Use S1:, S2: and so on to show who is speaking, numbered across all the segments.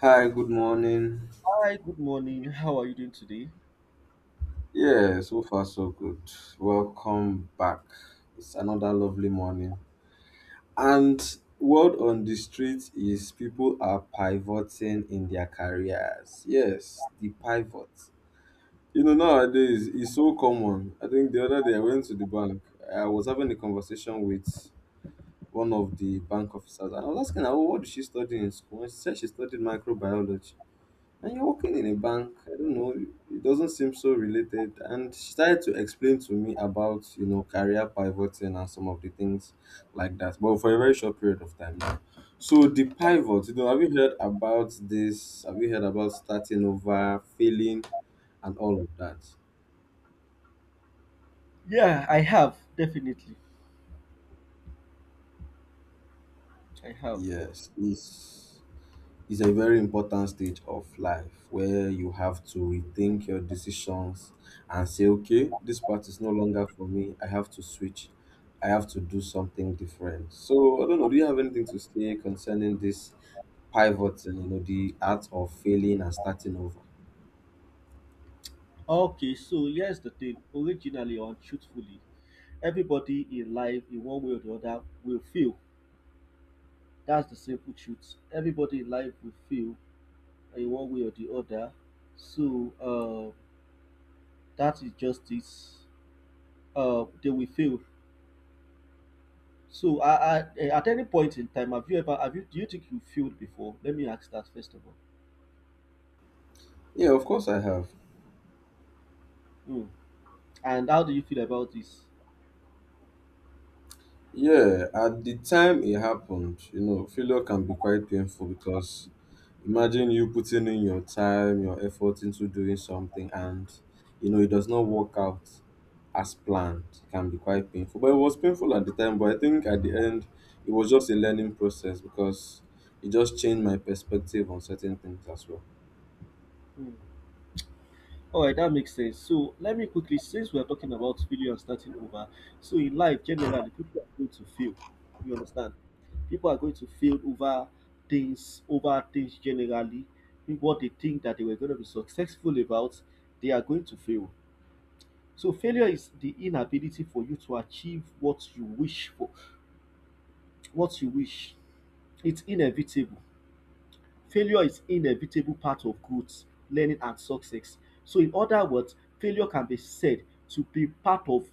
S1: Hi, good morning.
S2: Hi, good morning. How are you doing today?
S1: Yeah, so far so good. Welcome back. It's another lovely morning. And word on the street is people are pivoting in their careers. Yes, the pivot. You know, nowadays it's so common. I think the other day I went to the bank. I was having a conversation with one of the bank officers and I was asking her, oh, what did she study in school? And she said she studied microbiology. And you're working in a bank? I don't know, it doesn't seem so related. And she started to explain to me about, you know, career pivoting and some of the things like that, but for a very short period of time. Now, so the pivot, you know, have you heard about this? Have you heard about starting over, failing, and all of that?
S2: Yeah, I have, definitely. I have.
S1: Yes, It's a very important stage of life where you have to rethink your decisions and say, okay, this part is no longer for me. I have to switch. I have to do something different. So I don't know. Do you have anything to say concerning this pivot and, you know, the art of failing and starting over?
S2: Okay, so here's the thing. Originally or truthfully, everybody in life, in one way or the other, will fail. That's the simple truth. Everybody in life will fail in one way or the other. So uh, that is just it. They will fail. So I, at any point in time, have you, do you think you failed before? Let me ask that first of all.
S1: Yeah, of course I have.
S2: Hmm. And how do you feel about this?
S1: Yeah, at the time it happened, you know, failure can be quite painful because imagine you putting in your time, your effort into doing something and you know it does not work out as planned. It can be quite painful. But it was painful at the time, but I think at the end it was just a learning process because it just changed my perspective on certain things as well.
S2: Hmm. All right, that makes sense. So let me quickly, since we're talking about failure and starting over, so in life generally, people are going to fail. You understand? People are going to fail over things generally. Think what they think that they were going to be successful about, they are going to fail. So failure is the inability for you to achieve what you wish for, what you wish. It's inevitable. Failure is inevitable part of growth, learning and success. So in other words, failure can be said to be part of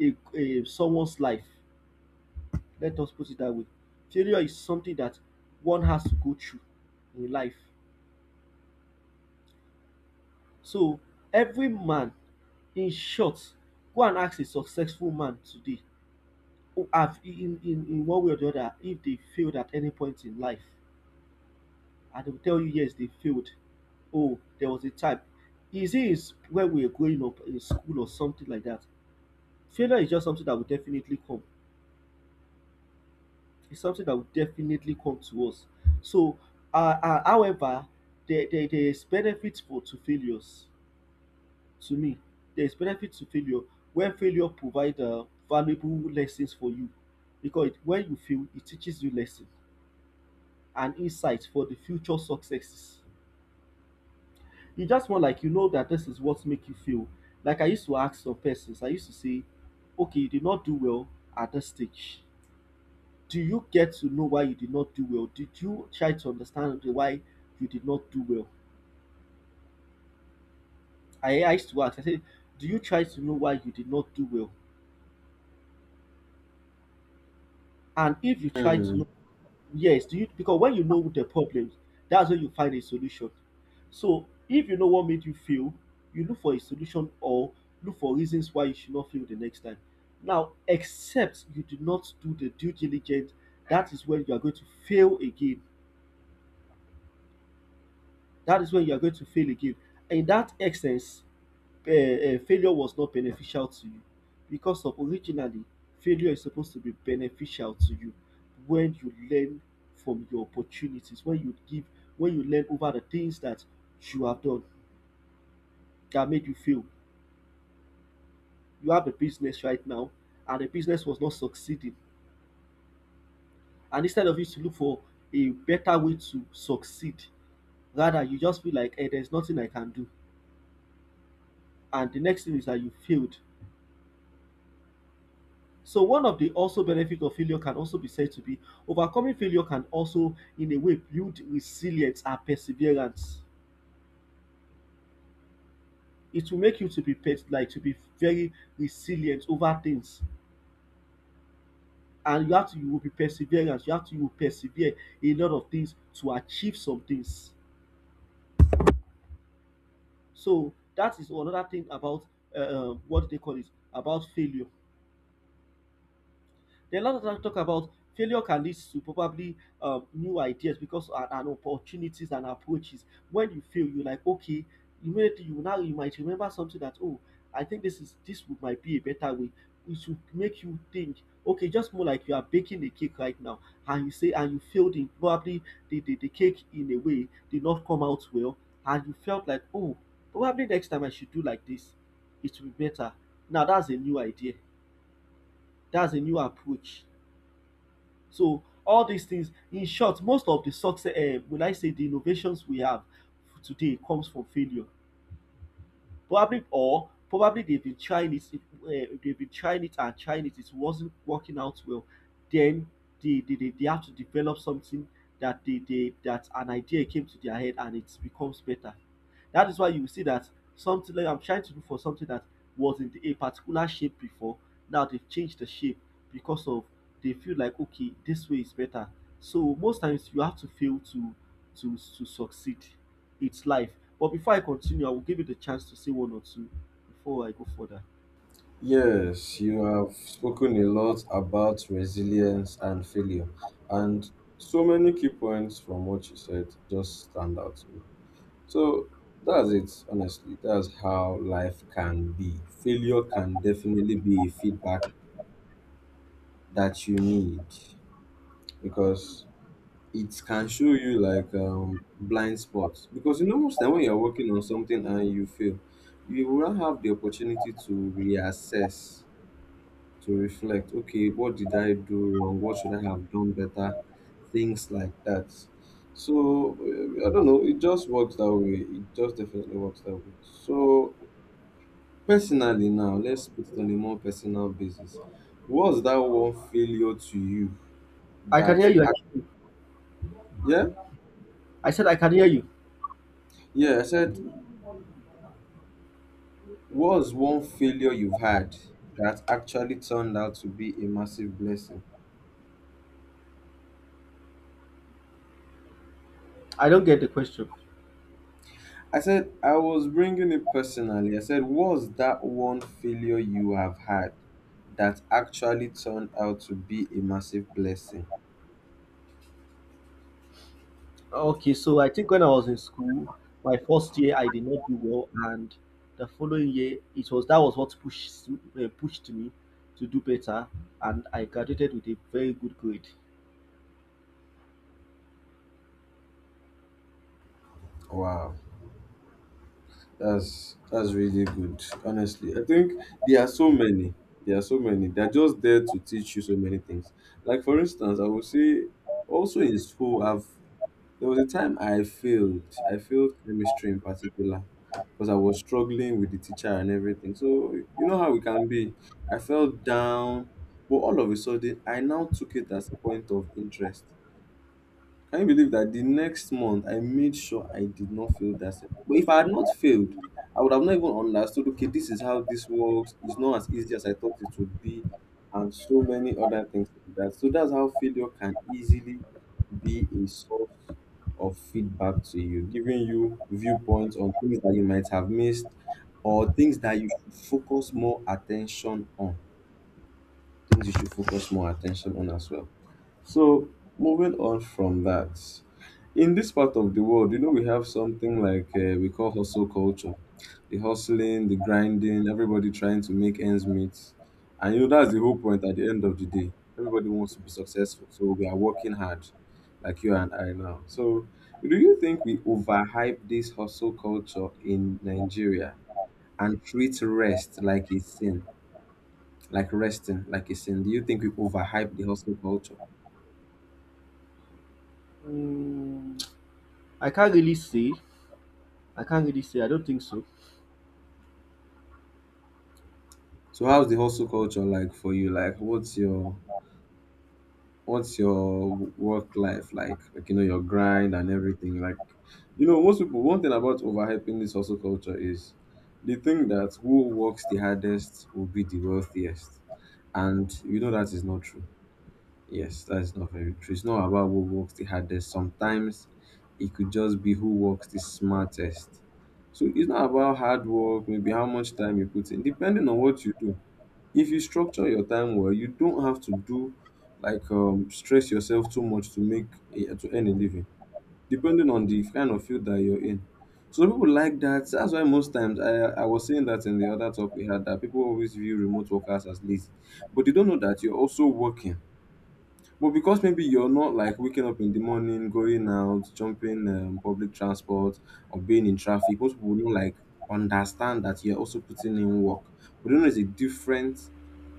S2: a someone's life. Let us put it that way. Failure is something that one has to go through in life. So every man, in short, go and ask a successful man today who have in one way or the other if they failed at any point in life and they will tell you, yes, they failed. Oh, there was a type. Is when we were growing up in school or something like that. Failure is just something that will definitely come. It's something that will definitely come to us. So, However, there is benefit for to failures. To me, there is benefit to failure when failure provides valuable lessons for you, because it, when you fail, it teaches you lessons and insights for the future successes. You just want like you know that this is what make you feel. Like I used to ask some persons, I used to say, okay, you did not do well at this stage. Do you get to know why you did not do well? Did you try to understand the why you did not do well? I used to ask, I said, do you try to know why you did not do well? And if you try to
S1: Hmm.
S2: know, yes, do you because when you know the problems, that's when you find a solution. So if you know what made you fail, you look for a solution or look for reasons why you should not fail the next time. Now, except you do not do the due diligence, that is when you are going to fail again. That is when you are going to fail again. In that essence, failure was not beneficial to you because of originally failure is supposed to be beneficial to you when you learn from your opportunities, when you give, when you learn over the things that you have done that made you fail. You have a business right now and the business was not succeeding. And instead of you to look for a better way to succeed, rather you just feel like there's nothing I can do. And the next thing is that you failed. So one of the also benefit of failure can also be said to be overcoming failure can also in a way build resilience and perseverance. It will make you to be like to be very resilient over things. And you have to you will be perseverance. You have to You will persevere a lot of things to achieve some things. So that is another thing about what they call it about failure. There are a lot of times talk about failure can lead to probably new ideas because and opportunities and approaches. When you fail, you're like, okay, immediately you now you might remember something that oh, I think this would might be a better way. Which should make you think. Okay, just more like you are baking a cake right now, and you say and you failed in probably the cake in a way did not come out well, and you felt like oh, probably next time I should do like this, it will be better. Now that's a new idea. That's a new approach. So all these things, in short, most of the success, will I say the innovations we have today comes from failure probably or probably they've been trying it, they've been trying it and trying it. It wasn't working out well. Then they have to develop something that they that an idea came to their head and it becomes better. That is why you will see that something like I'm trying to do for something that was in a particular shape before. Now they've changed the shape because of they feel like okay this way is better. So most times you have to fail to to succeed its life. But before I continue, I will give you the chance to say one or two before I go further.
S1: Yes, you have spoken a lot about resilience and failure, and so many key points from what you said just stand out to me. So that's it, honestly. That's how life can be. Failure can definitely be a feedback that you need, because it can show you like blind spots. Because you know, most time when you're working on something and you fail, you will not have the opportunity to reassess, to reflect, okay, what did I do wrong? What should I have done better? Things like that. So I don't know, it just works that way, it just definitely works that way. So personally, now, let's put it on a more personal basis. What's that one failure to you
S2: I can
S1: that
S2: hear you. I can hear you.
S1: yeah,
S2: I said I can hear you.
S1: yeah, I said, what's one failure you've had that actually turned out to be a massive blessing?
S2: I don't get the question.
S1: I said I was bringing it personally. I said, "What's that one failure you have had that actually turned out to be a massive blessing?"
S2: Okay, so I think when I was in school, my first year I did not do well, and the following year it was that was what pushed pushed me to do better, and I graduated with a very good grade.
S1: Wow, that's really good. Honestly, I think there are so many. There are so many. They're just there to teach you so many things. Like for instance, I would say also in school, I've there was a time I failed. I failed chemistry in particular because I was struggling with the teacher and everything. So you know how we can be. I felt down, but all of a sudden I now took it as a point of interest. Can you believe that the next month I made sure I did not fail that sem? But if I had not failed, I would have not even understood, okay, this is how this works, it's not as easy as I thought it would be, and so many other things like that. So that's how failure can easily be a source of feedback to you, giving you viewpoints on things that you might have missed or things that you should focus more attention on. Things you should focus more attention on as well. So moving on from that, in this part of the world, you know, we have something like, we call, hustle culture, the hustling, the grinding, everybody trying to make ends meet, and you know that's the whole point. At the end of the day, everybody wants to be successful, so we are working hard, like you and I now. So, do you think we overhype this hustle culture in Nigeria and treat rest like a sin, like resting like a sin? Do you think we overhype the hustle culture?
S2: Mm, I can't really say. I can't really say. I don't think so.
S1: So how's the hustle culture like for you? Like what's your work life like? Like, you know, your grind and everything. Like, you know, most people, one thing about overhyping this hustle culture is they think that who works the hardest will be the wealthiest. And you know that is not true. Yes, that is not very true. It's not about who works the hardest. Sometimes it could just be who works the smartest. So it's not about hard work, maybe how much time you put in, depending on what you do. If you structure your time well, you don't have to do like, stress yourself too much to make a to earn a living, depending on the kind of field that you're in. So people like that, that's why most times I was saying that in the other talk we had that people always view remote workers as lazy, but they don't know that you're also working. But because maybe you're not like waking up in the morning, going out, jumping public transport, or being in traffic, most people will not like understand that you're also putting in work. But they know it's a different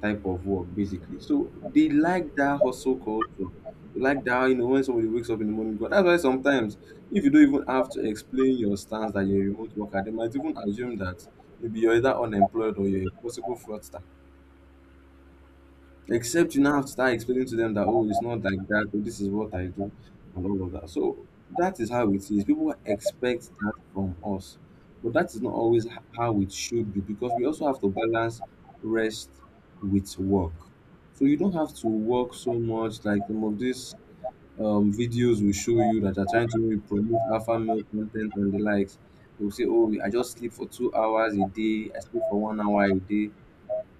S1: type of work, basically. So they like that hustle culture. They like that, you know, when somebody wakes up in the morning, but that's why sometimes if you don't even have to explain your stance that you're a remote worker, they might even assume that maybe you're either unemployed or you're a possible fraudster. Except you now have to start explaining to them that, oh, it's not like that, oh, this is what I do, and all of that. So that is how it is. People expect that from us, but that is not always how it should be, because we also have to balance rest with work. So you don't have to work so much like some of these videos will show you that are trying to maybe promote alpha male content and the likes. They will say, oh, I just sleep for 2 hours a day, I sleep for 1 hour a day.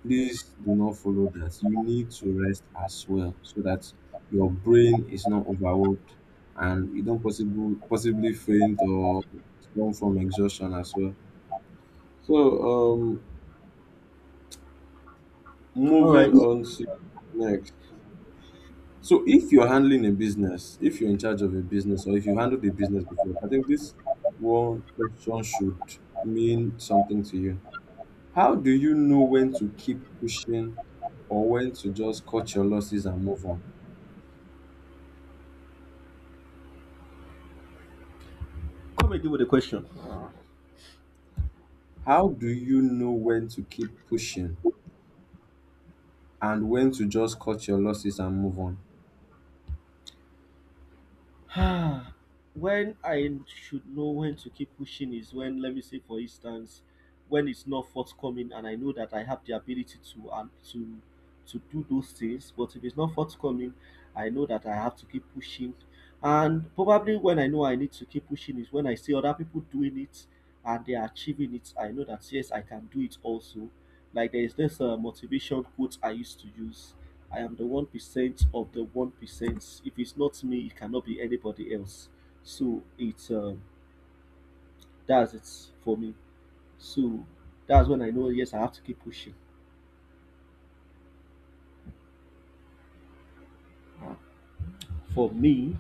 S1: Please do not follow that. You need to rest as well so that your brain is not overworked and you don't possibly faint or come from exhaustion as well. So um
S2: All
S1: moving
S2: right,
S1: on to next. So if you're handling a business, if you're in charge of a business or if you handled a business before, I think this one question should mean something to you. How do you know when to keep pushing or when to just cut your losses and move on?
S2: come again with the question.
S1: How do you know when to keep pushing and when to just cut your losses and move on?
S2: Ah, when I should know when to keep pushing is when, let me say, for instance, when it's not forthcoming and I know that I have the ability to and to do those things, but if it's not forthcoming, I know that I have to keep pushing. And probably when I know I need to keep pushing is when I see other people doing it and they are achieving it. I know that yes, I can do it also. Like there is this motivation quote I used to use. I am the 1% of the 1%. If it's not me, it cannot be anybody else. So it's That's it for me. So that's when I know yes, I have to keep pushing. For me,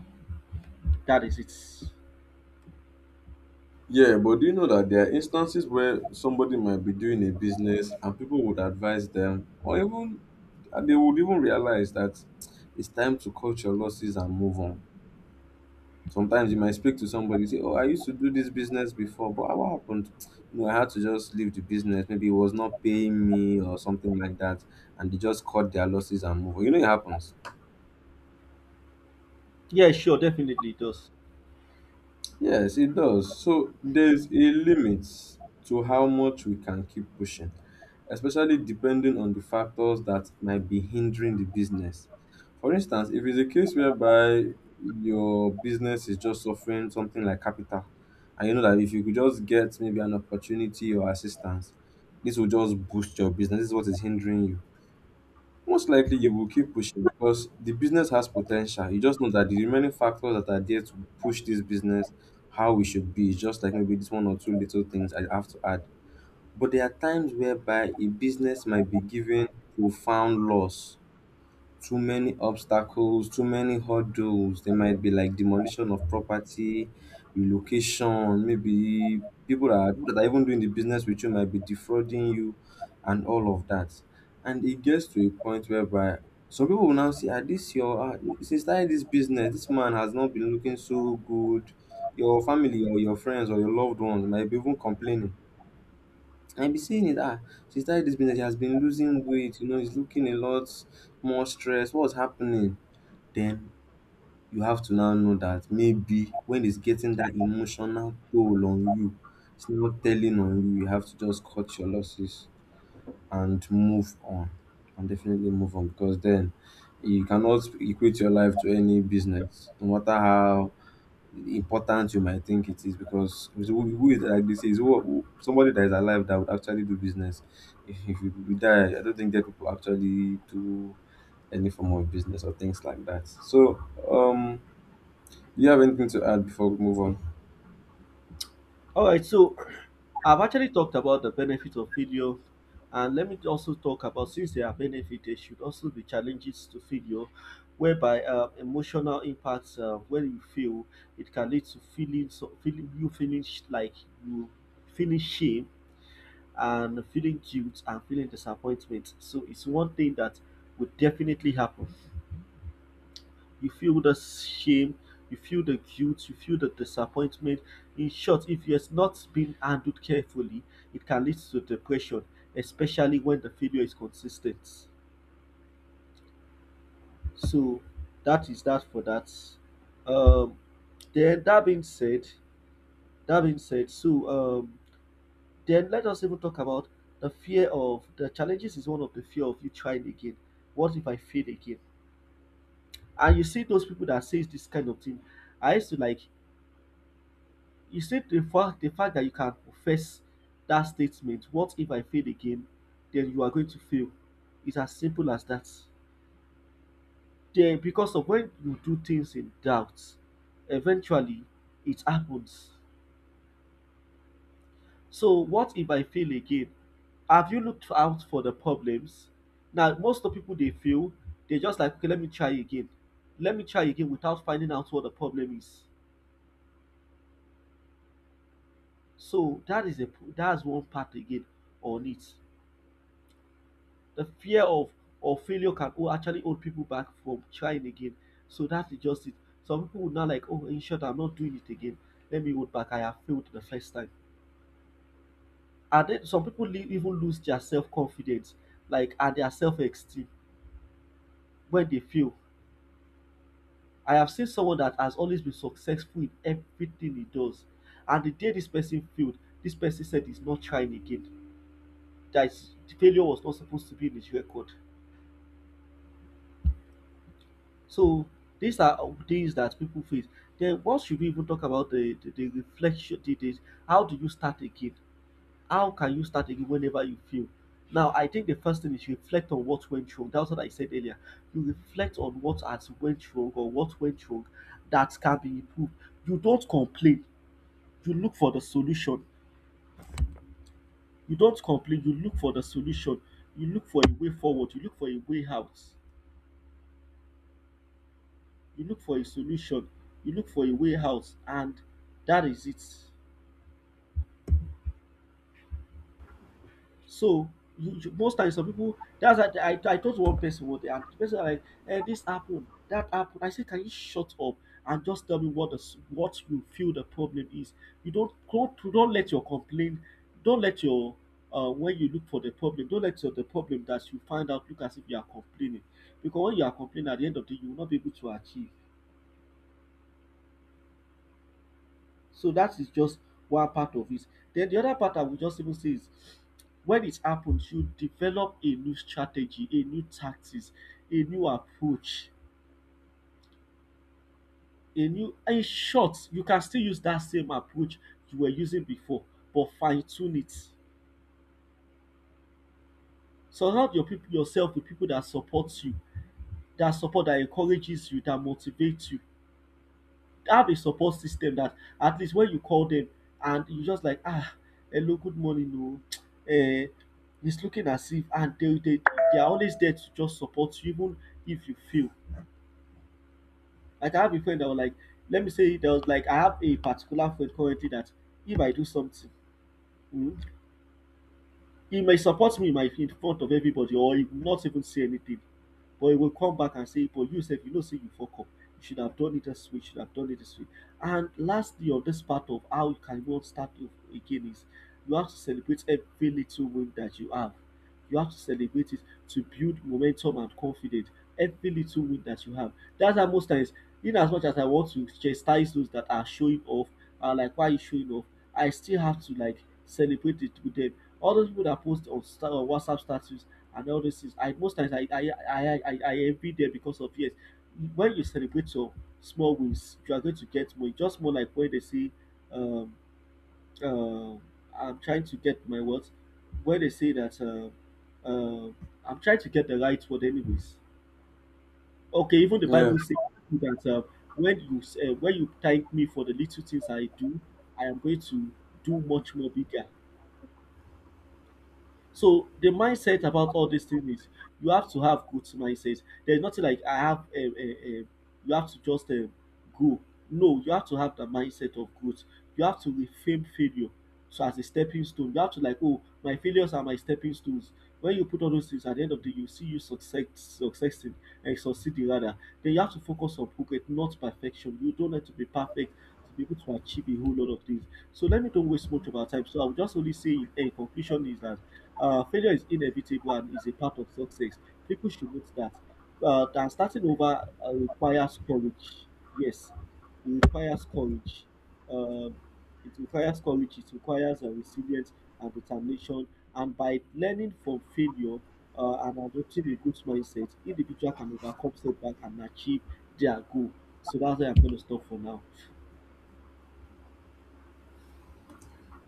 S2: that is it.
S1: Yeah, but do you know that there are instances where somebody might be doing a business and people would advise them, or even and they would even realize that it's time to cut your losses and move on. Sometimes you might speak to somebody, say, oh, I used to do this business before, but what happened? You know, I had to just leave the business. Maybe it was not paying me or something like that. And they just cut their losses and move on. You know, it happens.
S2: Yeah, sure, definitely it does.
S1: Yes, it does. So there's a limit to how much we can keep pushing, especially depending on the factors that might be hindering the business. For instance, if it's a case whereby your business is just suffering something like capital, and you know that if you could just get maybe an opportunity or assistance, this will just boost your business. This is what is hindering you. Most likely, you will keep pushing because the business has potential. You just know that the remaining factors that are there to push this business how we should be, is just like maybe this one or two little things I have to add. But there are times whereby a business might be given profound loss, too many obstacles, too many hurdles. There might be like demolition of property, relocation, maybe people that are even doing the business with you might be defrauding you and all of that. And it gets to a point whereby some people will now say, ah, this your, ah, since starting this business, this man has not been looking so good. Your family or your friends or your loved ones might be even complaining, I be seeing it, ah, she started this business, she has been losing weight, you know, it's looking a lot more stressed. What's happening? Then you have to now know that maybe when it's getting that emotional toll on you, it's not telling on you, you have to just cut your losses and move on. And definitely move on because then you cannot equate your life to any business, no matter how important you might think it is because it's who is like they say is somebody that is alive that would actually do business. If you we die, I don't think that people actually do any form of business or things like that. So, um, do you have anything to add before we move on?
S2: All right, so I've actually talked about the benefits of failure, and let me also talk about since there are benefits, there should also be challenges to failure, whereby emotional impacts when you fail, it can lead to feeling sh- like you feeling shame and feeling guilt and feeling disappointment. So it's one thing that would definitely happen you feel the shame, you feel the guilt, you feel the disappointment. In short, if it has not been handled carefully, it can lead to depression, especially when the failure is consistent. So that is that for that. Um, then that being said, then let us even talk about the fear of the challenges is one of the fear of you trying again. What if I fail again? And you see those people that says this kind of thing. I used to like you said the fact that you can profess that statement, what if I fail again, then you are going to fail. It's as simple as that. Then because of when you do things in doubt, eventually it happens. So what if I fail again? Have you looked out for the problems? Now most of the people they fail, they're just like okay, let me try again. Let me try again without finding out what the problem is. So that is a that's one part again on it. The fear of or failure can oh, actually hold people back from trying again. So that's just it. Some people would not like, oh, in short, I'm not doing it again. Let me hold back. I have failed the first time. And then some people even lose their self confidence, and their self esteem when they fail. I have seen someone that has always been successful in everything he does, and the day this person failed, this person said he's not trying again. That is- the failure was not supposed to be in his record. So these are things that people face. Then what should we even talk about the reflection how do you start again? How can you start again whenever you feel? Now I think the first thing is you reflect on what went wrong. That's what I said earlier. You reflect on what has went wrong or what went wrong that can be improved. You don't complain. You look for the solution. You don't complain. You look for the solution. You look for a way forward. You look for a way out. You look for a solution, you look for a way out, and that is it. So most times some people, that's what I told one person what they, and the person was like this happened, that happened. I said, "Can you shut up and just tell me what what you feel the problem is?" You don't let your complaint, don't let your when you look for the problem, don't let your, the problem that you find out, look as if you are complaining. Because when you are complaining, at the end of the day, you will not be able to achieve. So that is just one part of it. Then the other part, I would just even say, is when it happens, you develop a new strategy, a new tactics, a new approach, a new, in short, you can still use that same approach you were using before, but fine-tune it. Surround your people, yourself, with people that support you, that support, that encourages you, that motivates you. Have a support system that at least when you call them and you just like, ah, hello, good morning, no, it's looking as if, and they they are always there to just support you, even if you fail. Like I have a friend that was like, let me say there was like, I have a particular friend currently that if I do something, um he may support me in front of everybody, or he will not even say anything. But he will come back and say, but you said, you know, say you fuck up. You should have done it this way. You should have done it this way. And lastly, on this part of how you can go start again, is you have to celebrate every little win that you have. You have to celebrate it to build momentum and confidence. Every little win that you have. That's how most times, in as much as I want to chastise those that are showing off, and like, why you showing off, I still have to like celebrate it with them. All those people that post on on WhatsApp status and all those things, I, most times, I envy them because of, yes, when you celebrate your small wins, you are going to get more. Just more, like when they say, um, um, I'm trying to get my what, when they say that, um, I'm trying to get the right word anyways. Okay, even the
S1: Yeah,
S2: Bible says that when you thank me for the little things I do, I am going to do much more bigger. So the mindset about all these things is you have to have good mindset. There's nothing like I have. You have to just go. No, you have to have the mindset of growth. You have to reframe failure so as a stepping stone. You have to like, oh, my failures are my stepping stones. When you put all those things, at the end of the day, you see you successing and succeeding rather. Then you have to focus on progress, not perfection. You don't have to be perfect to be able to achieve a whole lot of things. So let me don't waste much of our time. So I would just only say, in conclusion, is that failure is inevitable and is a part of success. People should note that. And starting over requires courage. Yes, it requires courage. Um, it requires courage. It requires resilience and determination. And by learning from failure and adopting a good mindset, individual can overcome setback and achieve their goal. So that's where I'm going to stop for now.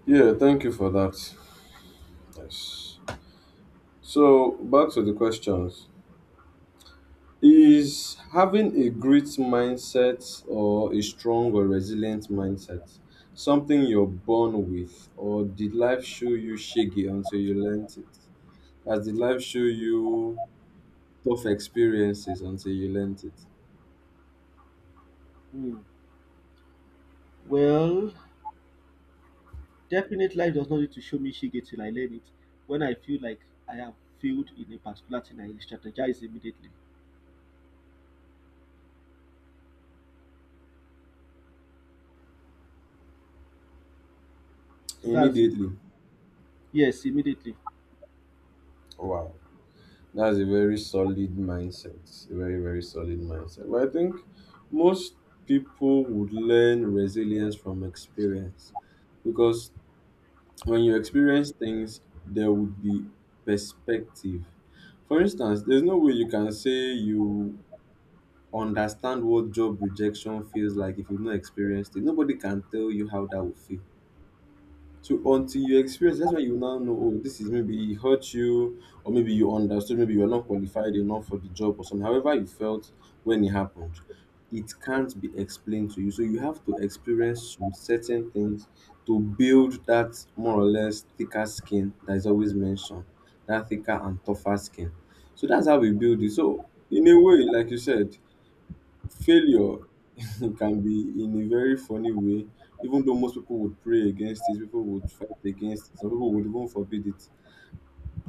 S1: yeah. Thank you for that. Yes. So back to the questions. Is having a great mindset or a strong or resilient mindset something you're born with, or did life show you shaggy until you learnt it? As did life show you tough experiences until you learnt it?
S2: Hmm. Well, definite life does not need to show me shege till I learn it. When I feel like I have failed in a particular thing, I strategize immediately. So that's it.
S1: Immediately.
S2: Yes, immediately.
S1: Wow. That's a very solid mindset. A very, very solid mindset. But I think most people would learn resilience from experience because when you experience things, there would be perspective. For instance, there's no way you can say you understand what job rejection feels like if you've not experienced it. Nobody can tell you how that will feel. So until you experience, that's why you now know, oh, this is maybe it hurt you, or maybe you understood, maybe you're not qualified enough for the job or something. However, you felt when it happened, it can't be explained to you. So you have to experience some certain things to build that more or less thicker skin that is always mentioned, that thicker and tougher skin. So that's how we build it. So in a way, like you said, failure can be in a very funny way. Even though most people would pray against it, people would fight against it, some people would even forbid it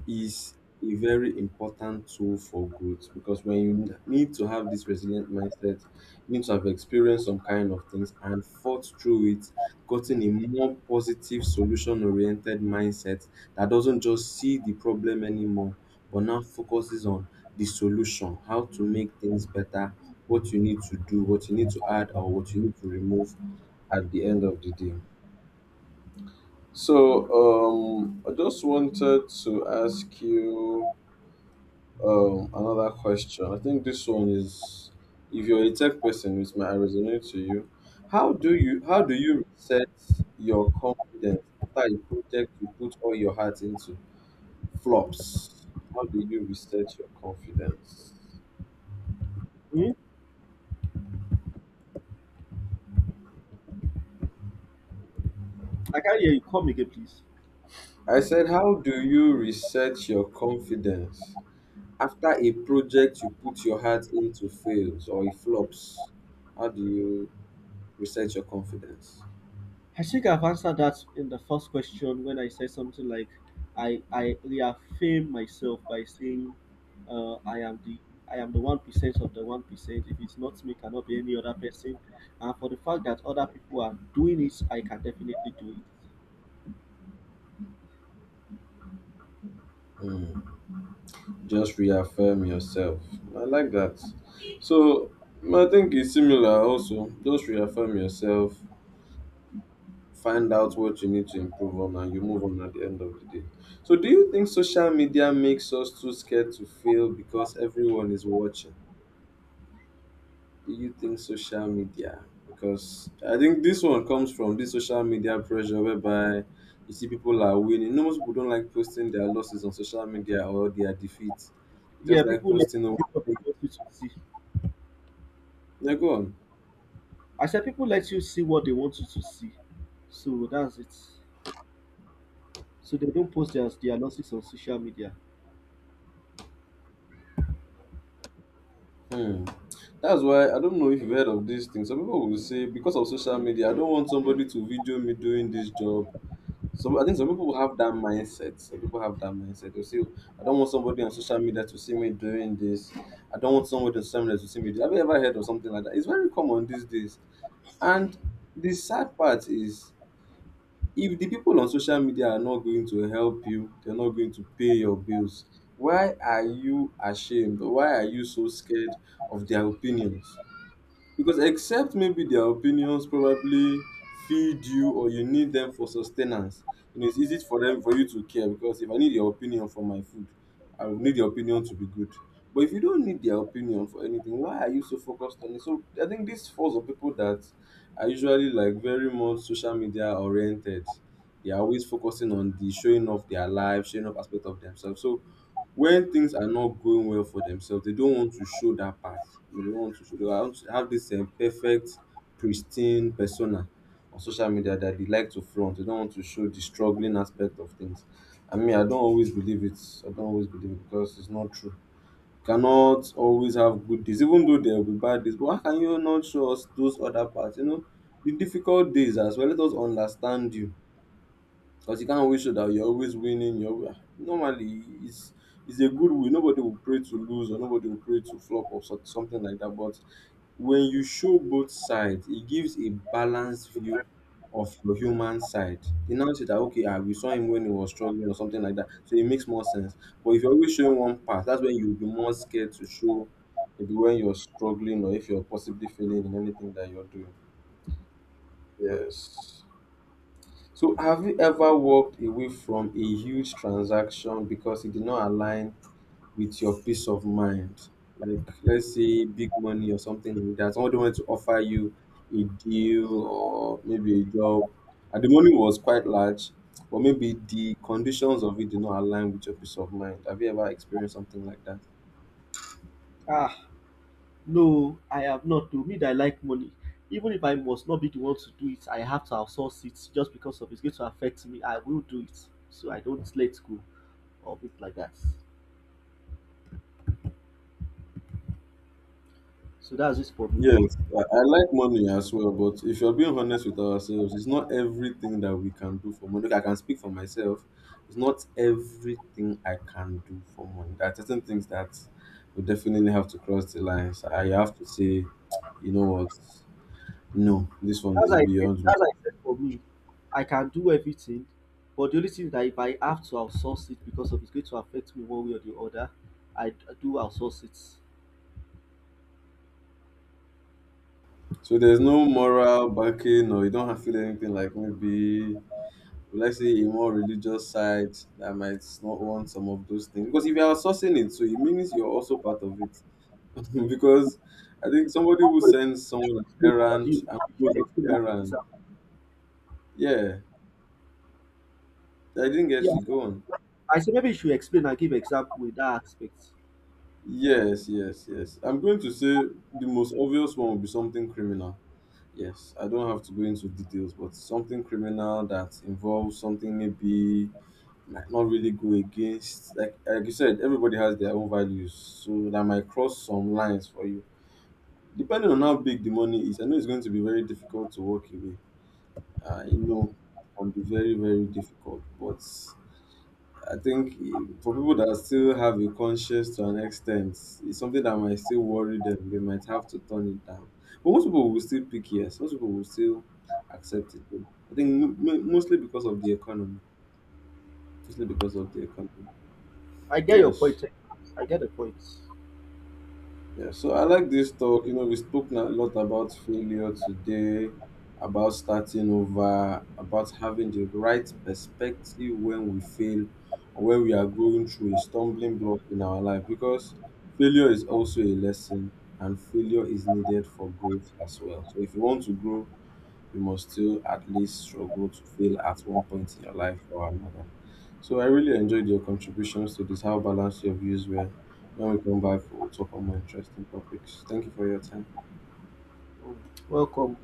S1: is a very important tool for growth because when you need to have this resilient mindset, you need to have experienced some kind of things and fought through it, gotten a more positive, solution oriented mindset that doesn't just see the problem anymore, but now focuses on the solution, how to make things better, what you need to do, what you need to add, or what you need to remove at the end of the day. So, I just wanted to ask you another question. I think this one is, if you're a tech person, it might resonate to you. How do you reset your confidence after a project you put all your heart into flops? How do you reset your confidence?
S2: Hmm? I can't hear you. Come again, please.
S1: I said, how do you reset your confidence after a project you put your heart into fails or it flops? How do you reset your confidence?
S2: I think I've answered that in the first question when I said something like, I reaffirm myself by saying, uh, I am the I am the 1% of the 1%. If it's not me, cannot be any other person. And for the fact that other people are doing it, I can definitely do it.
S1: Hmm. Just reaffirm yourself. I like that. So I think it's similar also. Just reaffirm yourself, find out what you need to improve on, and you move on at the end of the day. So do you think social media makes us too scared to fail because everyone is watching? Do you think social media? Because I think this one comes from this social media pressure whereby you see people are winning. You know, most people don't like posting their losses on social media or their defeats. They
S2: Yeah,
S1: just like
S2: people let
S1: posting. On.
S2: people
S1: Yeah, go on.
S2: I said people let you see what they want you to see. So that's it. So they don't post their losses on social media.
S1: Hmm. That's why I don't know if you've heard of this thing. Some people will say because of social media, I don't want somebody to video me doing this job. So I think some people have that mindset. Some people have that mindset. They'll say, "Oh, I don't want somebody on social media to see me doing this. I don't want somebody on social media to see me. Do-" Have you ever heard of something like that? It's very common these days. And the sad part is, if the people on social media are not going to help you, they're not going to pay your bills, why are you ashamed, why are you so scared of their opinions, because except maybe their opinions probably feed you or you need them for sustenance. You know, it's easy for them for you to care because if I need your opinion for my food, I will need your opinion to be good. But if you don't need their opinion for anything, why are you so focused on it? So I think this falls on people that are usually like very much social media oriented. They are always focusing on the showing off their life, showing off aspect of themselves. So when things are not going well for themselves, they don't want to show that part. They don't want to show. They want to have this perfect, pristine persona on social media that they like to flaunt. They don't want to show the struggling aspect of things. I mean, I don't always believe it. I don't always believe it because it's not true. Cannot always have good days, even though there will be bad days. But why can you not show us those other parts? You know, the difficult days as well. Let us understand you because you can't always show that you're always winning. You're normally it's a good way. Nobody will pray to lose or nobody will pray to flop or so, something like that. But when you show both sides, it gives a balanced view of your human side. They now say that okay, ah, we saw him when he was struggling or something like that. So it makes more sense. But if you're always showing one part, that's when you'll be more scared to show maybe when you're struggling or if you're possibly failing in anything that you're doing. Yes. So have you ever walked away from a huge transaction because it did not align with your peace of mind? Like let's say big money or something like that. Somebody wanted to offer you a deal or maybe a job and the money was quite large, but maybe the conditions of it did not align with your peace of mind. Have you ever experienced something like that?
S2: Ah, no, I have not. To me, that I like money. Even if I must not be the one to do it, I have to outsource it just because of it's going to affect me. I will do it. So I don't let go of it like that. So that's it for me.
S1: Yes, I like money as well, but if you're being honest with ourselves, it's not everything that we can do for money. Like, I can speak for myself. It's not everything I can do for money. There are certain things that we definitely have to cross the lines. I have to say, you know what? No, this one
S2: As
S1: is
S2: I said,
S1: beyond me.
S2: as I said, for me, I can do everything. But the only thing that if I have to outsource it because of it's going to affect me one way or the other, I do outsource it.
S1: So there's no moral backing, or you don't have to feel anything like maybe, let's say, a more religious side that might not want some of those things. Because if you are sourcing it, so it means you're also part of it because I think somebody who sends someone an
S2: Explain what
S1: errand
S2: you
S1: and
S2: should
S1: goes on
S2: explain,
S1: the
S2: like
S1: errand.
S2: example.
S1: Yeah, I didn't get
S2: Yes,
S1: to go on.
S2: I say maybe you should explain and give example with that aspect.
S1: Yes, yes, yes. I'm going to say the most obvious one would be something criminal. Yes, I don't have to go into details, but something criminal that involves something maybe might not really go against. Like you said, everybody has their own values, so that might cross some lines for you. Depending on how big the money is, I know it's going to be very difficult to walk away. I know it can be very, very difficult. But I think eh, for people that still have a conscience to an extent, it's something that might still worry them. They might have to turn it down. But most people will still pick yes. Most people will still accept it. Though. I think mostly because of the economy. Mostly because of the economy.
S2: I get your point,
S1: Yes.
S2: eh? I get the point.
S1: Yeah, so I
S2: Okay.
S1: like this talk. You know, we spoke a lot about failure today, about starting over, about having the right perspective when we fail or when we are going through a stumbling block in our life because failure is also a lesson and failure is needed for growth as well. So if you want to grow, you must still at least struggle to fail at one point in your life or another. So I really enjoyed your contributions to this, how balanced your views were. When we come back, we'll talk on more interesting topics. Thank you for your time.
S2: Mm. Welcome.